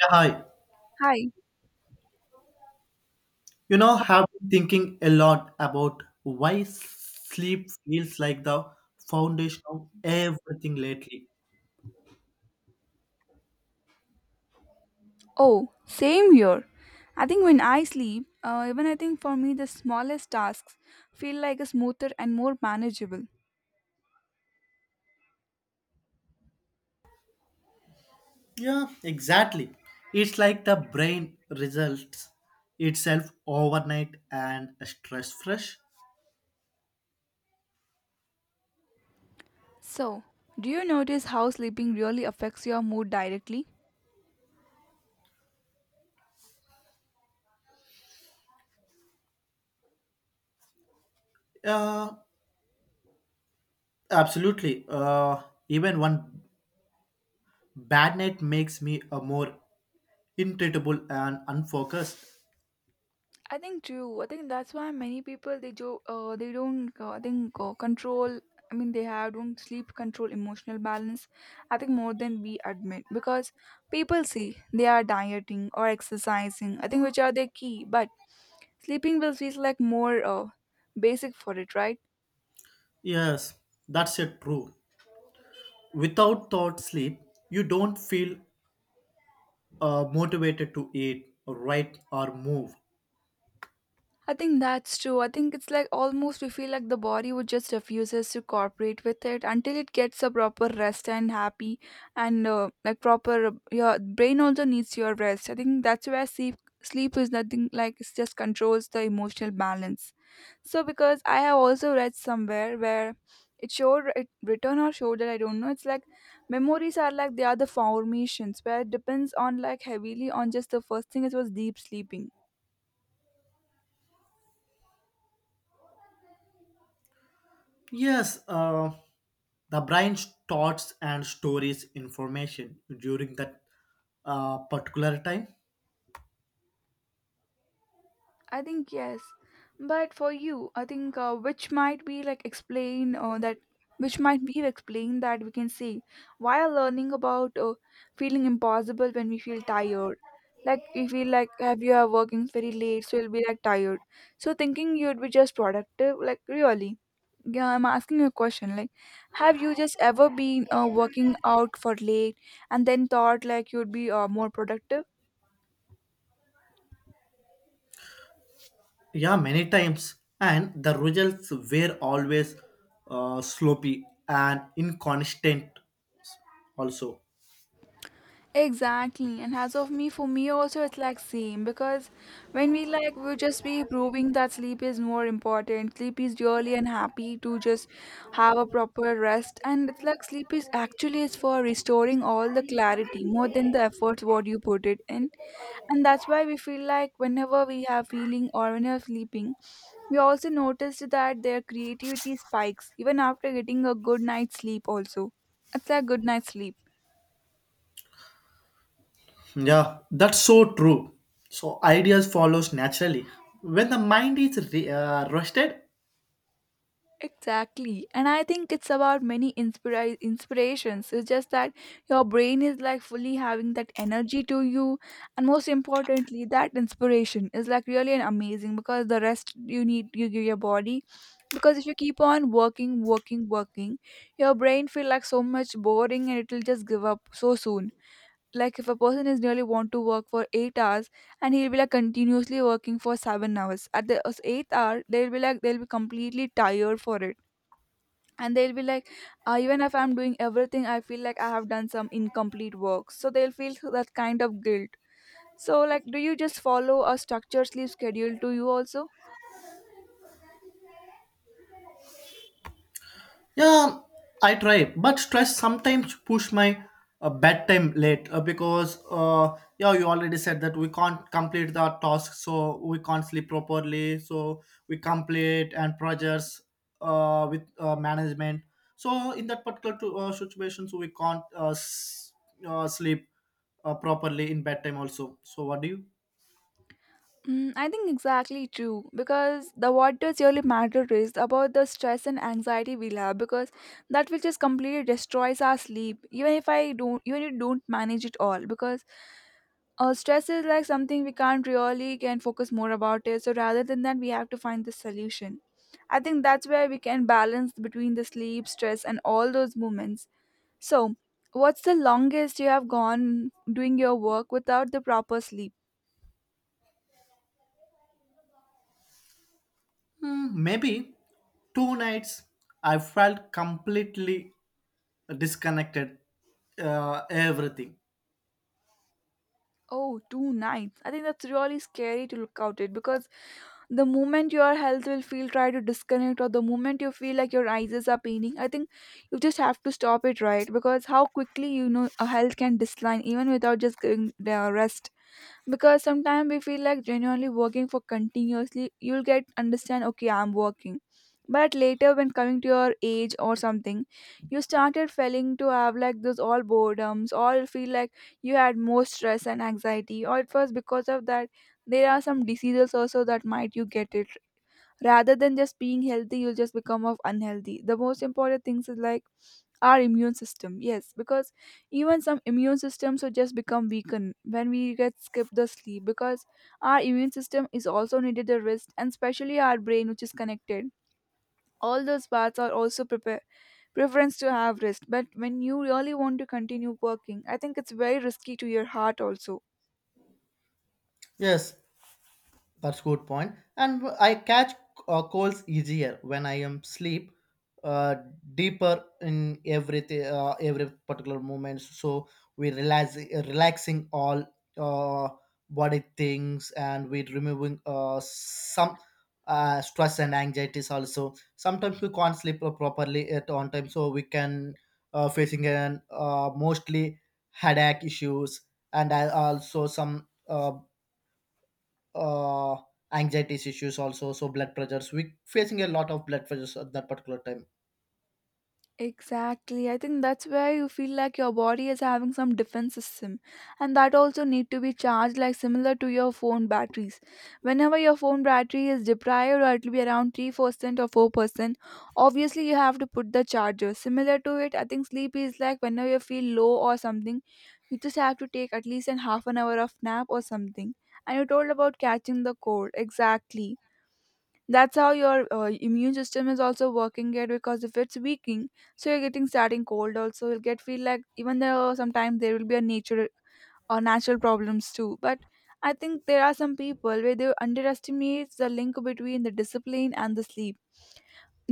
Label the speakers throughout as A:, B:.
A: Yeah, hi.
B: Hi.
A: Have been thinking a lot about why sleep feels like the foundation of everything lately.
B: Oh, same here. I think when I sleep, even I think for me the smallest tasks feel like a smoother and more manageable.
A: Yeah, exactly. It's like the brain results itself overnight and stress fresh.
B: So, do you notice how sleeping really affects your mood directly?
A: Uh, Absolutely. Even one bad night makes me a more irritable and unfocused.
B: I think true. I think that's why many people they don't I think control. I mean they have don't sleep control emotional balance. I think more than we admit because people say they are dieting or exercising. I think which are their key, but sleeping will feels like more basic for it, right?
A: Yes, that's it. True. Without thought sleep, you don't feel motivated to eat, write, or move.
B: I think that's true. I think it's like almost we feel like the body would just refuses to cooperate with it until it gets a proper rest and happy and like proper your brain also needs your rest. I think that's where sleep is nothing like it just controls the emotional balance. So because I have also read somewhere where it showed it written or showed that I don't know. It's like memories are like they are the formations where it depends on like heavily on just the first thing it was deep sleeping.
A: Yes, the brain thoughts and stories information during that particular time.
B: I think yes, but for you, I think which might be like explain that which might be explain that we can say while learning about feeling impossible when we feel tired. Like we feel like have you are working very late, so you'll be like tired. So thinking you'd be just productive, like really. Yeah, I'm asking you a question. Like, have you just ever been working out for late and then thought like you'd be more productive?
A: Yeah, many times, and the results were always sloppy and inconsistent. Also,
B: Exactly, and as of me, for me also, it's like same because when we like we'll just be proving that sleep is more important. Sleep is really and happy to just have a proper rest, and it's like sleep is actually is for restoring all the clarity more than the efforts what you put it in, and that's why we feel like whenever we have feeling or when you're sleeping, we also noticed that their creativity spikes even after getting a good night's sleep. Also, it's like good night's sleep.
A: yeah, that's so true. So ideas follows naturally when the mind is rested.
B: Exactly. And I think it's about many inspirations. It's just that your brain is like fully having that energy to you. And most importantly, that inspiration is like really an amazing because the rest you need, you give your body. Because if you keep on working, working, working, your brain feel like so much boring and it'll just give up so soon. Like if a person is really want to work for 8 hours and he'll be like continuously working for 7 hours. At the eighth hour, they'll be completely tired for it and they'll be like even if I'm doing everything I feel like I have done some incomplete work, so they'll feel that kind of guilt. So, like, do you just follow a structured sleep schedule to you also?
A: Yeah, I try, but stress sometimes push my bedtime late because yeah, you already said that we can't complete the task, so we can't sleep properly. So we complete and projects with management. So in that particular to, situation, so we can't sleep properly in bedtime also. So what do you?
B: Mm, I think exactly true because the what does really matter is about the stress and anxiety we'll have because that will just completely destroys our sleep even if you don't manage it all because stress is like something we can't really can focus more about it. So rather than that, we have to find the solution. I think that's where we can balance between the sleep, stress, and all those moments. So, what's the longest you have gone doing your work without the proper sleep?
A: Hmm, maybe two nights I felt completely disconnected everything.
B: Oh, 2 nights. I think that's really scary to look out it because the moment your health will feel try to disconnect or the moment you feel like your eyes are paining, I think you just have to stop it, right, because how quickly you know a health can decline even without just giving the rest, because sometimes we feel like genuinely working for continuously you'll get understand okay I'm working. But later when coming to your age or something you started feeling to have like those all boredoms all feel like you had more stress and anxiety or it was because of that there are some diseases also that might you get it rather than just being healthy you'll just become of unhealthy. The most important things is like our immune system, yes, because even some immune systems will just become weakened when we get skip the sleep because our immune system is also needed at rest and especially our brain which is connected all those parts are also prepare preference to have rest but when you really want to continue working I think it's very risky to your heart also.
A: Yes, that's good point. And I catch colds easier when I am sleep uh, deeper in everything, every particular moment. So we relax, relaxing all uh, body things, and we removing some stress and anxieties also. Sometimes we can't sleep properly at on time, so we can facing an mostly headache issues and I also some. Uh, Anxiety issues also, so blood pressures we facing a lot of blood pressures at that particular time.
B: Exactly. I think that's where you feel like your body is having some defense system and that also need to be charged like similar to your phone batteries. Whenever your phone battery is deprived or it will be around 3% or 4%, obviously you have to put the charger. Similar to it, I think sleep is like whenever you feel low or something, you just have to take at least an half an hour of nap or something. And you told about catching the cold. Exactly. That's how your immune system is also working it because if it's weakening, so you're getting starting cold also. You'll get feel like even though sometimes there will be a nature or natural problems too. But I think there are some people where they underestimate the link between the discipline and the sleep.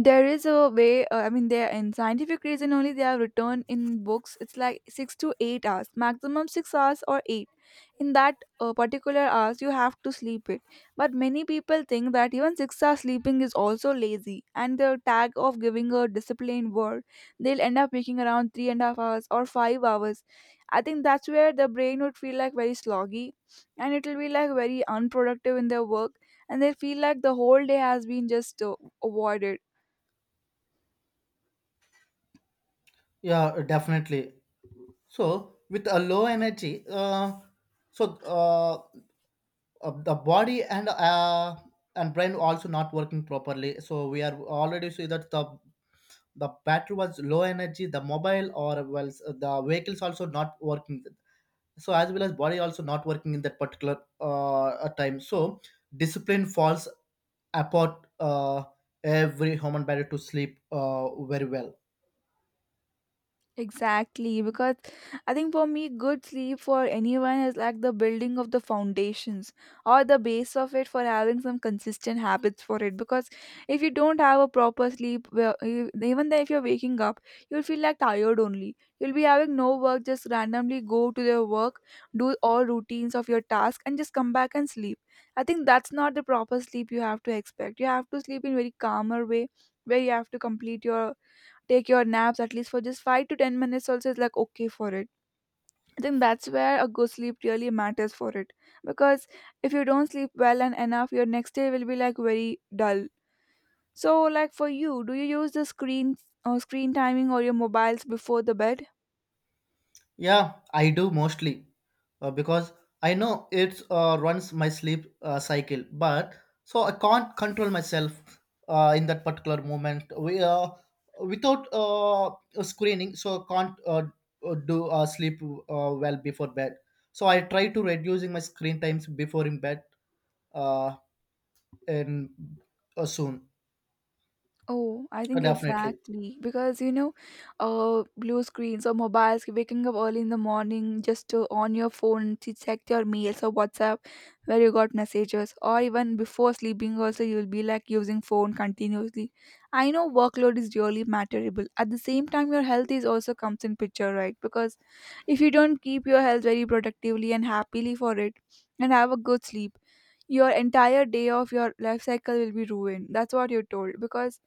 B: There is a way, I mean there in scientific reason only they are written in books, it's like 6 to 8 hours maximum 6 hours or eight in that particular hours you have to sleep it. But many people think that even 6 hours sleeping is also lazy and the tag of giving a disciplined word they'll end up making around 3.5 hours or 5 hours. I think that's where the brain would feel like very sloggy and it will be like very unproductive in their work and they feel like the whole day has been just avoided.
A: Yeah, definitely. So with a low energy, so uh, the body and brain also not working properly, so we are already see that the battery was low energy, the mobile or well the vehicles also not working. So as well as body also not working in that particular time. So discipline falls apart, every human body to sleep very well.
B: Exactly, because I think for me, good sleep for anyone is like the building of the foundations or the base of it for having some consistent habits for it. Because if you don't have a proper sleep, well, even then if you're waking up, you'll feel like tired only. You'll be having no work, just randomly go to your work, do all routines of your task, and just come back and sleep. I think that's not the proper sleep you have to expect. You have to sleep in very calmer way where you have to complete your take your naps at least for just 5 to 10 minutes also is like okay for it. I think that's where a good sleep really matters for it because if you don't sleep well and enough your next day will be like very dull. So, like, for you, do you use the screen or screen timing or your mobiles before the bed?
A: Yeah, I do mostly, because I know it runs my sleep cycle. But so I can't control myself in that particular moment we without screening. So I can't do sleep well before bed. So I try to reducing my screen times before in bed uh, in soon.
B: Oh, I think
A: Definitely.
B: exactly because blue screens or mobiles, waking up early in the morning just to on your phone to check your mails or WhatsApp where you got messages, or even before sleeping, also you'll be like using phone continuously. I know workload is really matterable. At the same time, your health is also comes in picture, right? Because if you don't keep your health very productively and happily for it, and have a good sleep, your entire day of your life cycle will be ruined. That's what you're told because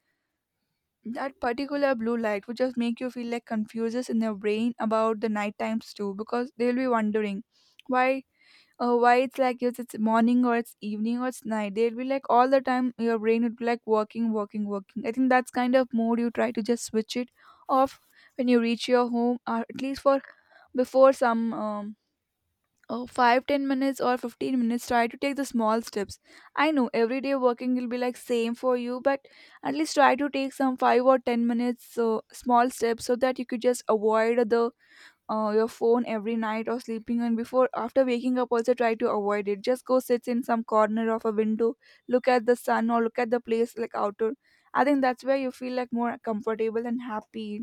B: that particular blue light would just make you feel like confuses in your brain about the night times too because they'll be wondering why why it's like yes it's morning or it's evening or it's night they'll be like all the time your brain would be like working working working. I think that's kind of mode you try to just switch it off when you reach your home or at least for before some Oh, 5, 10 minutes or 15 minutes, try to take the small steps. I know everyday working will be like same for you, but at least try to take some 5 or 10 minutes so small steps so that you could just avoid the your phone every night or sleeping and before after waking up also try to avoid it. Just go sit in some corner of a window, look at the sun or look at the place like outdoor. I think that's where you feel like more comfortable and happy,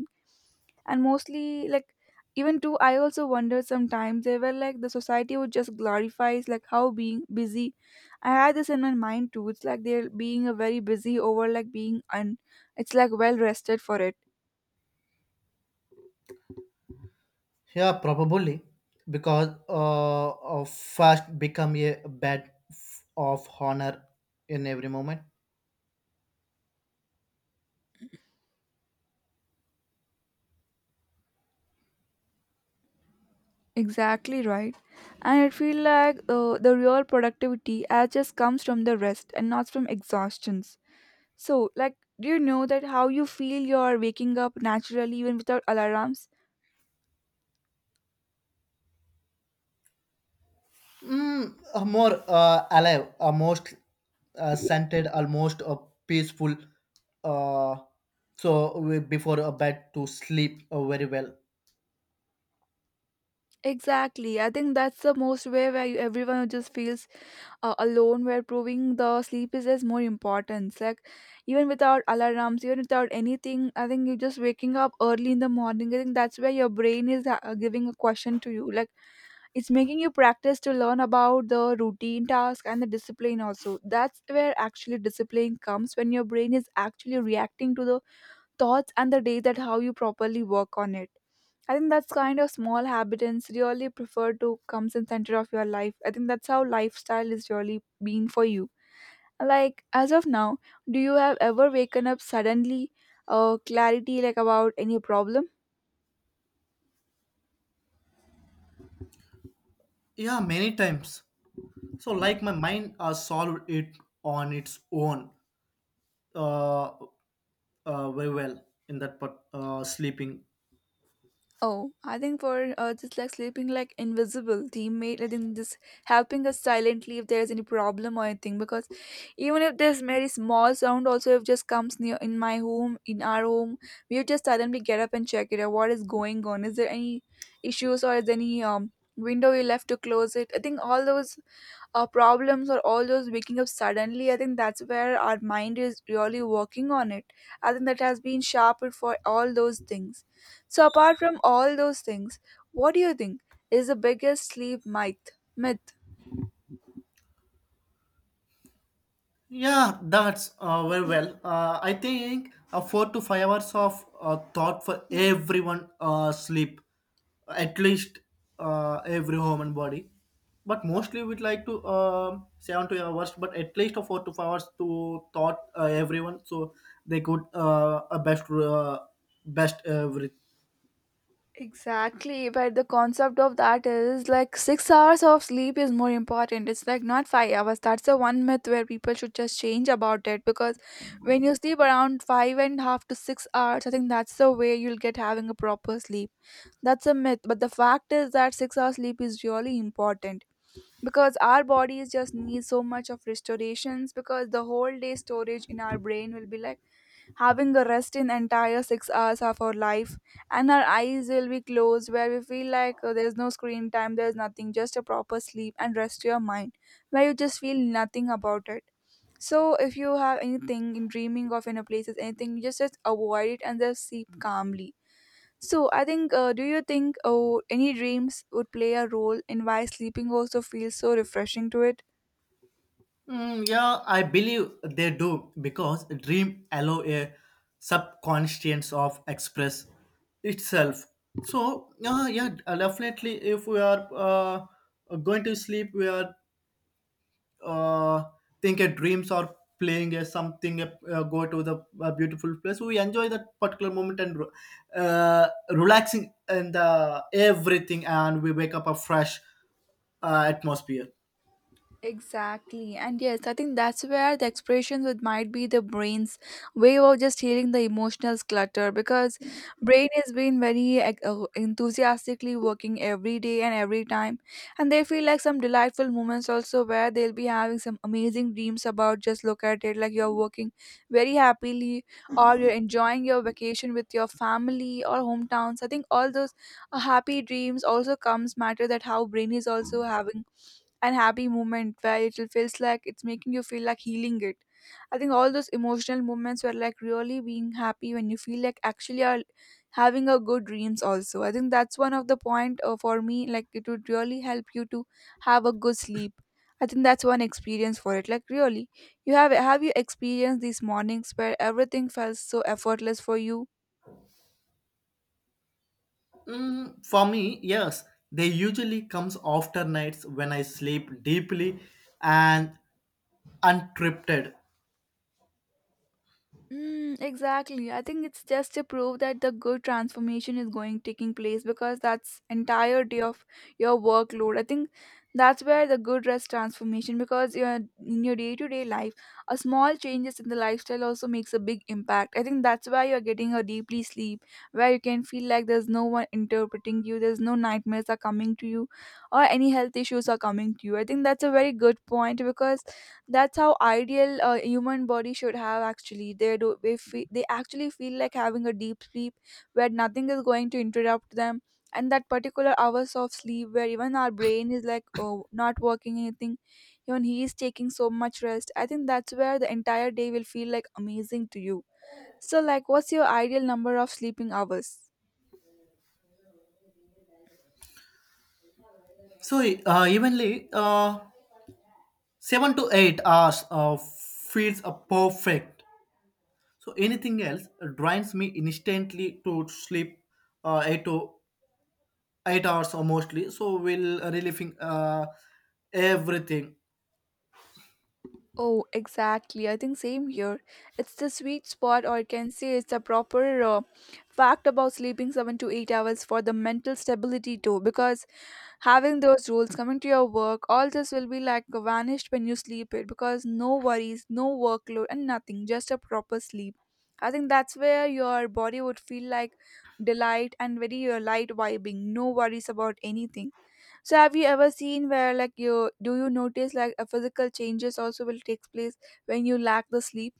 B: and mostly like even too I also wonder sometimes. They were like, the society would just glorifies like how being busy. I had this in my mind too, it's like they're being a very busy over like being un- it's like well rested for it.
A: Yeah, probably because of fast become a bed of honor in every moment.
B: Exactly, right. And it feel like the real productivity as just comes from the rest and not from exhaustions. So like, do you know that how you feel you're waking up naturally even without alarms?
A: Mm, a more alive, a most scented, almost a peaceful. Uh, Before a bed to sleep very well.
B: Exactly, I think that's the most way where you, everyone just feels alone were proving the sleep is as more importance, like even without alarms, even without anything. I think you are just waking up early in the morning. I think that's where your brain is giving a question to you, like it's making you practice to learn about the routine task and the discipline also. That's where actually discipline comes, when your brain is actually reacting to the thoughts and the day, that how you properly work on it. I think that's kind of small habitants really prefer to come in center of your life. I think that's how lifestyle is really been for you. Like as of now, do you have ever waken up suddenly, clarity like about any problem?
A: Yeah, many times. So like my mind solved it on its own. Uh, Very well in that part, sleeping.
B: Oh, I think for just like sleeping like invisible teammate, I think just helping us silently if there's any problem or anything. Because even if there's very small sound, also if just comes near in my home, in our home, we would just suddenly get up and check it out. What is going on? Is there any issues, or is any window we left to close it? I think all those our problems or all those waking up suddenly, I think that's where our mind is really working on it. I think that has been sharpened for all those things. So apart from all those things, what do you think is the biggest sleep myth?
A: Yeah, that's very well. I think 4 to 5 hours of thought for everyone sleep, at least every human body. But mostly we'd like to 7 to 8 hours, but at least a 4 to 5 hours to thought everyone so they could best best everything.
B: Exactly, but the concept of that is like 6 hours of sleep is more important. It's like not 5 hours. That's the one myth where people should just change about it, because when you sleep around five and a half to 6 hours, I think that's the way you'll get having a proper sleep. That's a myth, but the fact is that 6 hours sleep is really important, because our bodies just need so much of restorations, because the whole day storage in our brain will be like having a rest in entire 6 hours of our life, and our eyes will be closed where we feel like there's no screen time, there's nothing, just a proper sleep and rest your mind where you just feel nothing about it. So if you have anything in dreaming of any places, anything, you just avoid it and just sleep calmly. So I think, do you think, oh, any dreams would play a role in why sleeping also feels so refreshing to it?
A: Mm, yeah, I believe they do because dream allow a subconscious of express itself. So yeah, definitely. If we are going to sleep, we are uh, thinking dreams or playing a something. Go to the beautiful place. We enjoy that particular moment and relaxing and everything, and we wake up a fresh atmosphere.
B: Exactly. And yes, I think that's where the expressions would might be the brain's way of just healing the emotional clutter, because brain has been very enthusiastically working every day and every time. And they feel like some delightful moments also, where they'll be having some amazing dreams about just look at it like you're working very happily, or you're enjoying your vacation with your family or hometowns. I think all those happy dreams also comes matter that how brain is also having and happy moment where it feels like it's making you feel like healing it. I think all those emotional moments were like really being happy when you feel like actually are having a good dreams also. I think that's one of the point for me, like it would really help you to have a good sleep. I think that's one experience for it. Like really, you have you experienced these mornings where everything felt so effortless for you?
A: Mm, for me, yes, they usually comes after nights when I sleep deeply and untripped.
B: Mm, exactly. I think it's just to prove that the good transformation is going taking place because that's entirety of your workload. I think that's where the good rest transformation, because your in your day to day life, a small changes in the lifestyle also makes a big impact. I think that's why you're getting a deeply sleep where you can feel like there's no one interpreting you, there's no nightmares are coming to you, or any health issues are coming to you. I think that's a very good point, because that's how ideal a human body should have actually they do they actually feel like having a deep sleep where nothing is going to interrupt them, and that particular hours of sleep where even our brain is like, oh, not working anything, even he is taking so much rest. I think that's where the entire day will feel like amazing to you. So like, what's your ideal number of sleeping hours?
A: So evenly, 7 to 8 hours feels perfect. So anything else drains me instantly to sleep 8 to 8 hours or mostly. So will relieving everything.
B: Oh, exactly. I think same here. It's the sweet spot, or I can say it's the proper fact about sleeping 7 to 8 hours for the mental stability too. Because having those rules coming to your work, all this will be like vanished when you sleep it. Because no worries, no workload, and nothing. Just a proper sleep. I think that's where your body would feel like delight and very light vibing. No worries about anything. So have you ever seen where like you, do you notice like a physical changes also will take place when you lack the sleep?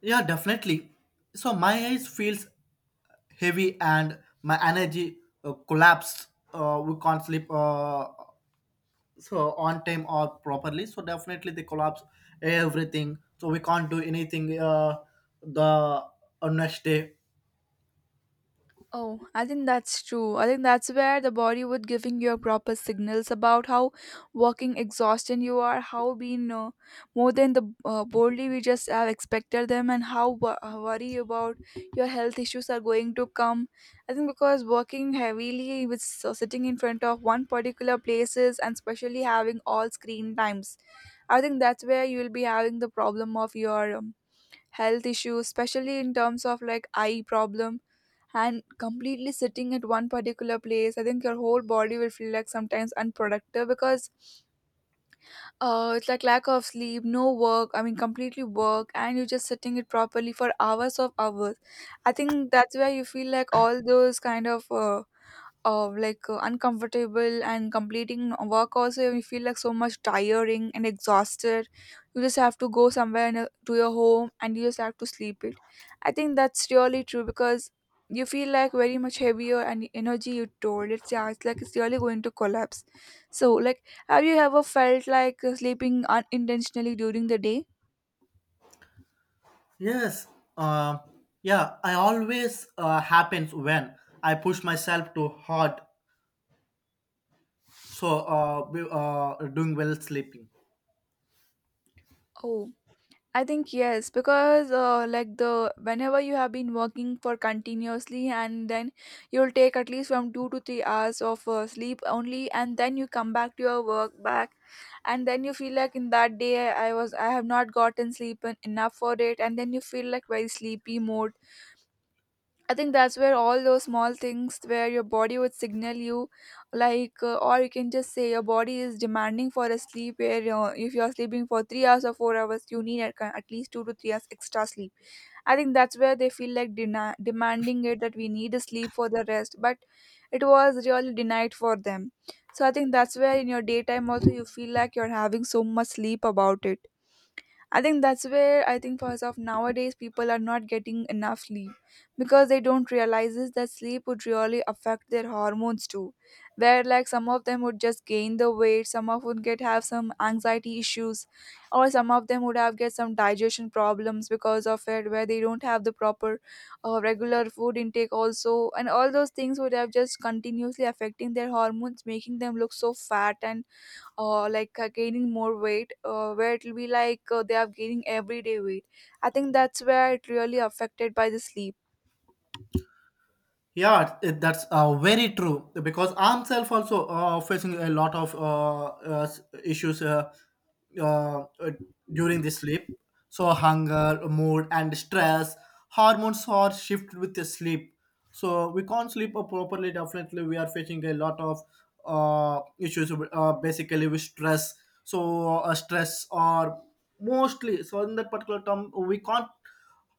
A: Yeah, definitely. So my eyes feels heavy and my energy collapsed, we can't sleep so on time or properly, so definitely they collapse everything, so we can't do anything the next day.
B: Oh, I think that's true. I think that's where the body would giving you proper signals about how working exhausted you are, how being more than the boldly we just have expected them, and how worry about your health issues are going to come. I think because working heavily with so sitting in front of one particular places and especially having all screen times, I think that's where you will be having the problem of your health issues, especially in terms of like eye problem and completely sitting at one particular place. I think your whole body will feel like sometimes unproductive because it's like lack of sleep, no work. I mean, completely work, and you're just sitting it properly for hours of hours. I think that's where you feel like all those kind of uncomfortable and completing work also you feel like so much tiring and exhausted. You just have to go somewhere in a, to your home, and you just have to sleep it. I think that's really true, because you feel like very much heavier, and the energy you told, it's yeah, it's like it's really going to collapse. So like, have you ever felt like sleeping unintentionally during the day?
A: Yes, um, yeah, I always happens when I push myself too hard, so doing well sleeping.
B: Oh, I think yes, because like the whenever you have been working for continuously, and then you'll take at least from 2 to 3 hours of sleep only, and then you come back to your work back, and then you feel like in that day I have not gotten sleep enough for it, and then you feel like very sleepy mode. I think that's where all those small things where your body would signal you, like, or you can just say your body is demanding for a sleep. Where if you're sleeping for 3 hours or 4 hours, you need at least 2 to 3 hours extra sleep. I think that's where they feel like demanding it, that we need a sleep for the rest, but it was really denied for them. So I think that's where in your daytime also you feel like you're having so much sleep about it. I think that's where I think for of nowadays people are not getting enough sleep, because they don't realize is that sleep would really affect their hormones too. Where like some of them would just gain the weight, some of would get have some anxiety issues, or some of them would have get some digestion problems because of it, where they don't have the proper regular food intake also, and all those things would have just continuously affecting their hormones, making them look so fat and gaining more weight, where it'll be like they are gaining everyday weight. I think that's where it really affected by the sleep.
A: Yeah, it- that's very true because I'm self also facing a lot of issues uh, uh, during the sleep. So hunger, mood, and stress hormones are shifted with the sleep. So we can't sleep properly. Definitely, we are facing a lot of issues. Basically, with stress. So stress or mostly, so in that particular term, we can't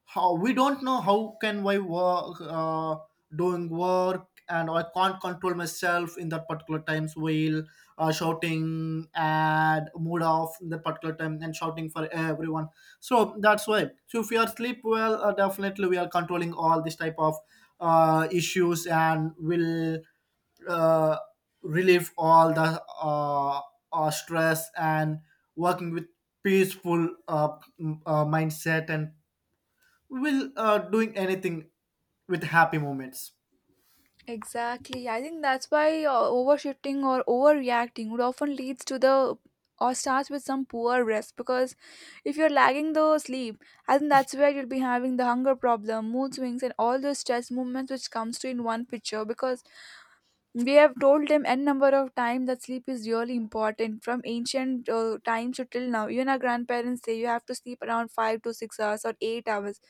A: how we don't know how can I work doing work, and I can't control myself in that particular times while shouting and mood off in that particular time and shouting for everyone. So that's why. So if we are sleep well, definitely we are controlling all this type of issues and will uh, relieve all the stress and working with peaceful mindset and will doing anything with happy moments.
B: Exactly, I think that's why overshifting or overreacting would often leads to the, or starts with some poor rest, because if you're lagging the sleep, I think that's where you'll be having the hunger problem, mood swings, and all the stress movements which comes to in one picture. Because we have told them n number of times that sleep is really important from ancient times to till now. Even our grandparents say you have to sleep around 5 to 6 hours or 8 hours.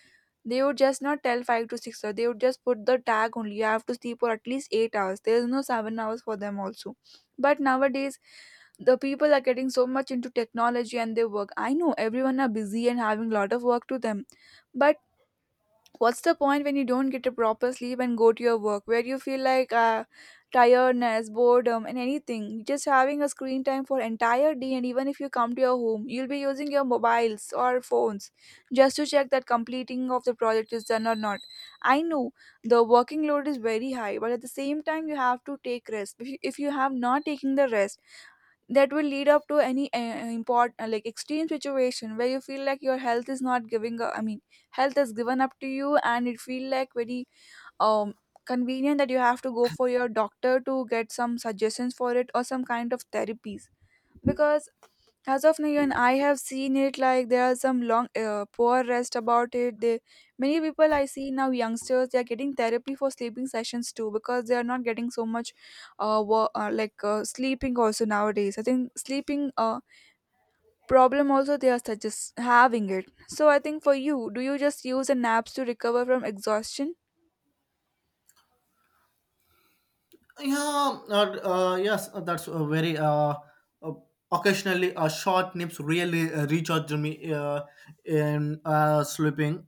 B: They would just not tell 5 to 6 hours. They would just put the tag only. You have to sleep for at least 8 hours. There is no 7 hours for them also. But nowadays, the people are getting so much into technology and their work. I know everyone are busy and having a lot of work to them, but what's the point when you don't get a proper sleep and go to your work where you feel like tiredness, boredom, and anything, just having a screen time for entire day? And even if you come to your home, you'll be using your mobiles or phones just to check that completing of the project is done or not. I know the working load is very high, but at the same time you have to take rest. If you have not taken the rest, that will lead up to any import like extreme situation where you feel like your health is not giving up, I mean health is given up to you, and it feel like very um convenient that you have to go for your doctor to get some suggestions for it or some kind of therapies, because as of now, even I have seen it. Like there are some long, poor rest about it. Many people I see now, youngsters, they are getting therapy for sleeping sessions too because they are not getting so much, sleeping also nowadays. I think sleeping problem also they are suggest having it. So I think, for you, do you just use the naps to recover from exhaustion?
A: Yeah yes, that's a very uh, occasionally short nips really recharge me in sleeping.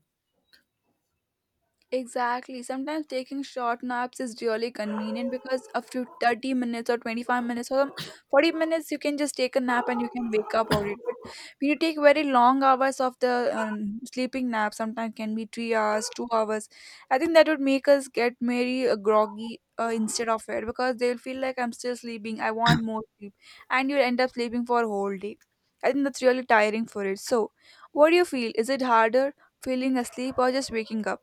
B: Exactly. Sometimes taking short naps is really convenient, because after 30 minutes or 25 minutes or 40 minutes, you can just take a nap and you can wake up or it. But when you take very long hours of the sleeping nap, sometimes can be three hours, two hours, I think that would make us get very groggy instead of it, because they'll feel like, I'm still sleeping, I want more sleep, and you'll end up sleeping for a whole day. I think that's really tiring for it. So, what do you feel? Is it harder feeling asleep or just waking up?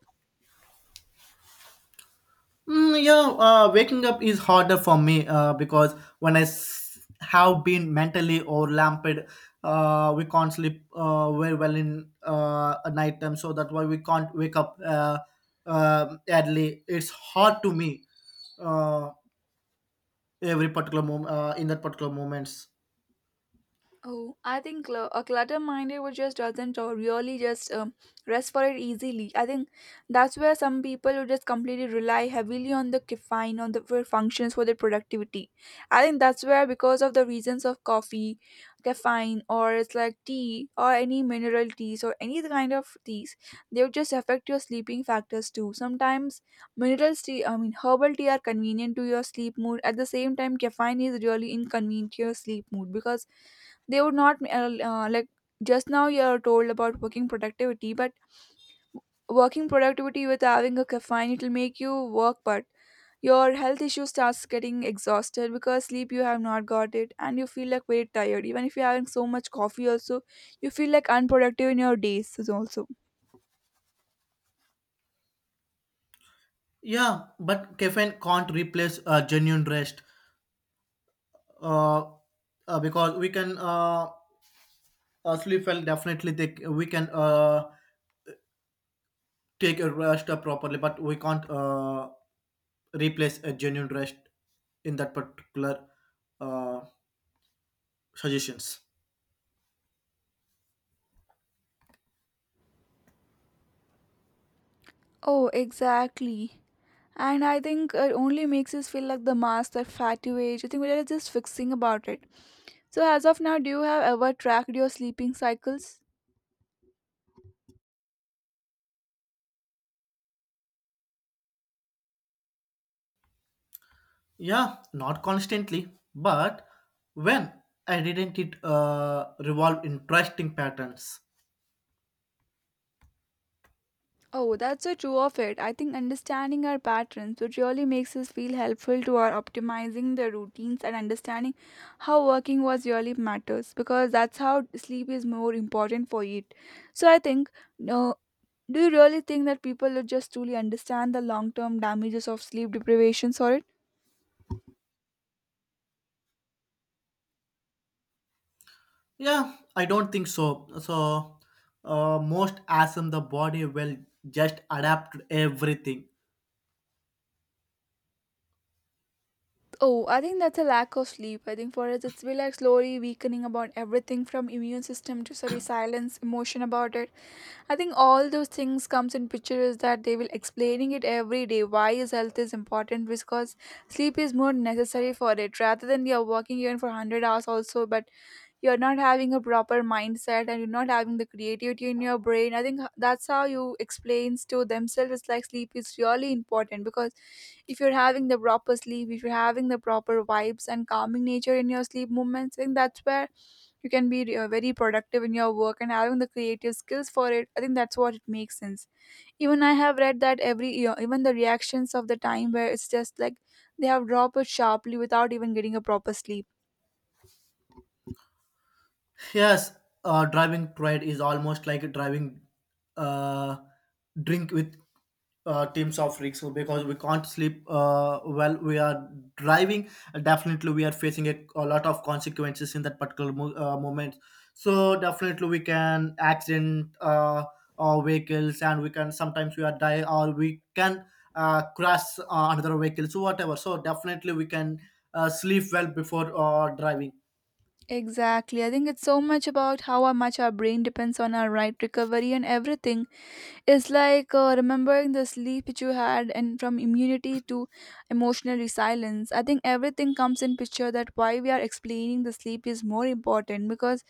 A: Mm, yeah, waking up is harder for me because when have been mentally overlapped, we can't sleep very well in at night time. So that's why we can't wake up early. It's hard to me. Uh, every particular moment in that particular moments.
B: Oh, I think a clutter minded would just doesn't or really just rest for it easily. I think that's where some people would just completely rely heavily on the caffeine on the for functions for their productivity. I think that's where, because of the reasons of coffee, caffeine, or it's like tea or any mineral teas or any other kind of teas, they would just affect your sleeping factors too. Sometimes mineral tea, I mean herbal tea, are convenient to your sleep mood. At the same time, caffeine is really inconvenient to your sleep mood because they would not like, just now you're told about working productivity, but working productivity with having a caffeine, it'll make you work, but your health issue starts getting exhausted because sleep you have not got it, and you feel like very tired. Even if you're having so much coffee also, you feel like unproductive in your days is also.
A: Yeah, but caffeine can't replace genuine rest, uh, because we can sleep well, definitely take, we can take a rest properly, but we can't replace a genuine rest in that particular uh, suggestions.
B: Oh, exactly. And I think it only makes us feel like the mass that fatty age. I think we are just fixing about it. So, as of now, do you have ever tracked your sleeping cycles?
A: Yeah, not constantly, but when I didn't it revolve interesting patterns.
B: Oh, that's so true of it. I think understanding our patterns, which really makes us feel helpful to our optimizing the routines and understanding how working was really matters, because that's how sleep is more important for it. So I think, no, do you really think that people would just truly understand the long-term damages of sleep deprivation? Sorry.
A: Yeah, I don't think so. So, most assume the body will just adapt to everything.
B: Oh, I think that's a lack of sleep. I think for us, it's been like slowly weakening about everything from immune system to sorry silence, emotion about it. I think all those things comes in picture, is that they will explaining it every day why is health is important, because sleep is more necessary for it rather than you're working even for 100 hours also. But you're not having a proper mindset and you're not having the creativity in your brain. I think that's how you explains to themselves, it's like sleep is really important, because if you're having the proper sleep, if you're having the proper vibes and calming nature in your sleep movements, I think that's where you can be very productive in your work and having the creative skills for it. I think that's what it makes sense. Even I have read that every year, even the reactions of the time where it's just like, they have dropped it sharply without even getting a proper sleep.
A: Yes, driving pride is almost like driving uh, drink with teams of rigs because we can't sleep well. We are driving. Definitely, we are facing a lot of consequences in that particular moment. So definitely, we can accident our vehicles, and we can sometimes we are die or we can crash another vehicle. So whatever. So definitely, we can sleep well before driving.
B: Exactly. I think it's so much about how much our brain depends on our right recovery and everything. It's like remembering the sleep that you had and from immunity to emotional resilience, I think everything comes in picture that why we are explaining the sleep is more important, because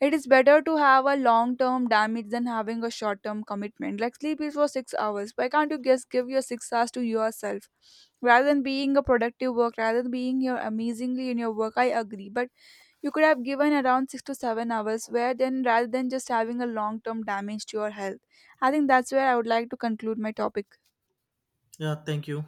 B: it is better to have a long term damage than having a short term commitment. Like sleep is for six hours. Why can't you just give your six hours to yourself, rather than being a productive work, rather than being your amazingly in your work? I agree, but you could have given around 6 to 7 hours, where then rather than just having a long term damage to your health. I think that's where I would like to conclude my topic.
A: Yeah. Thank you.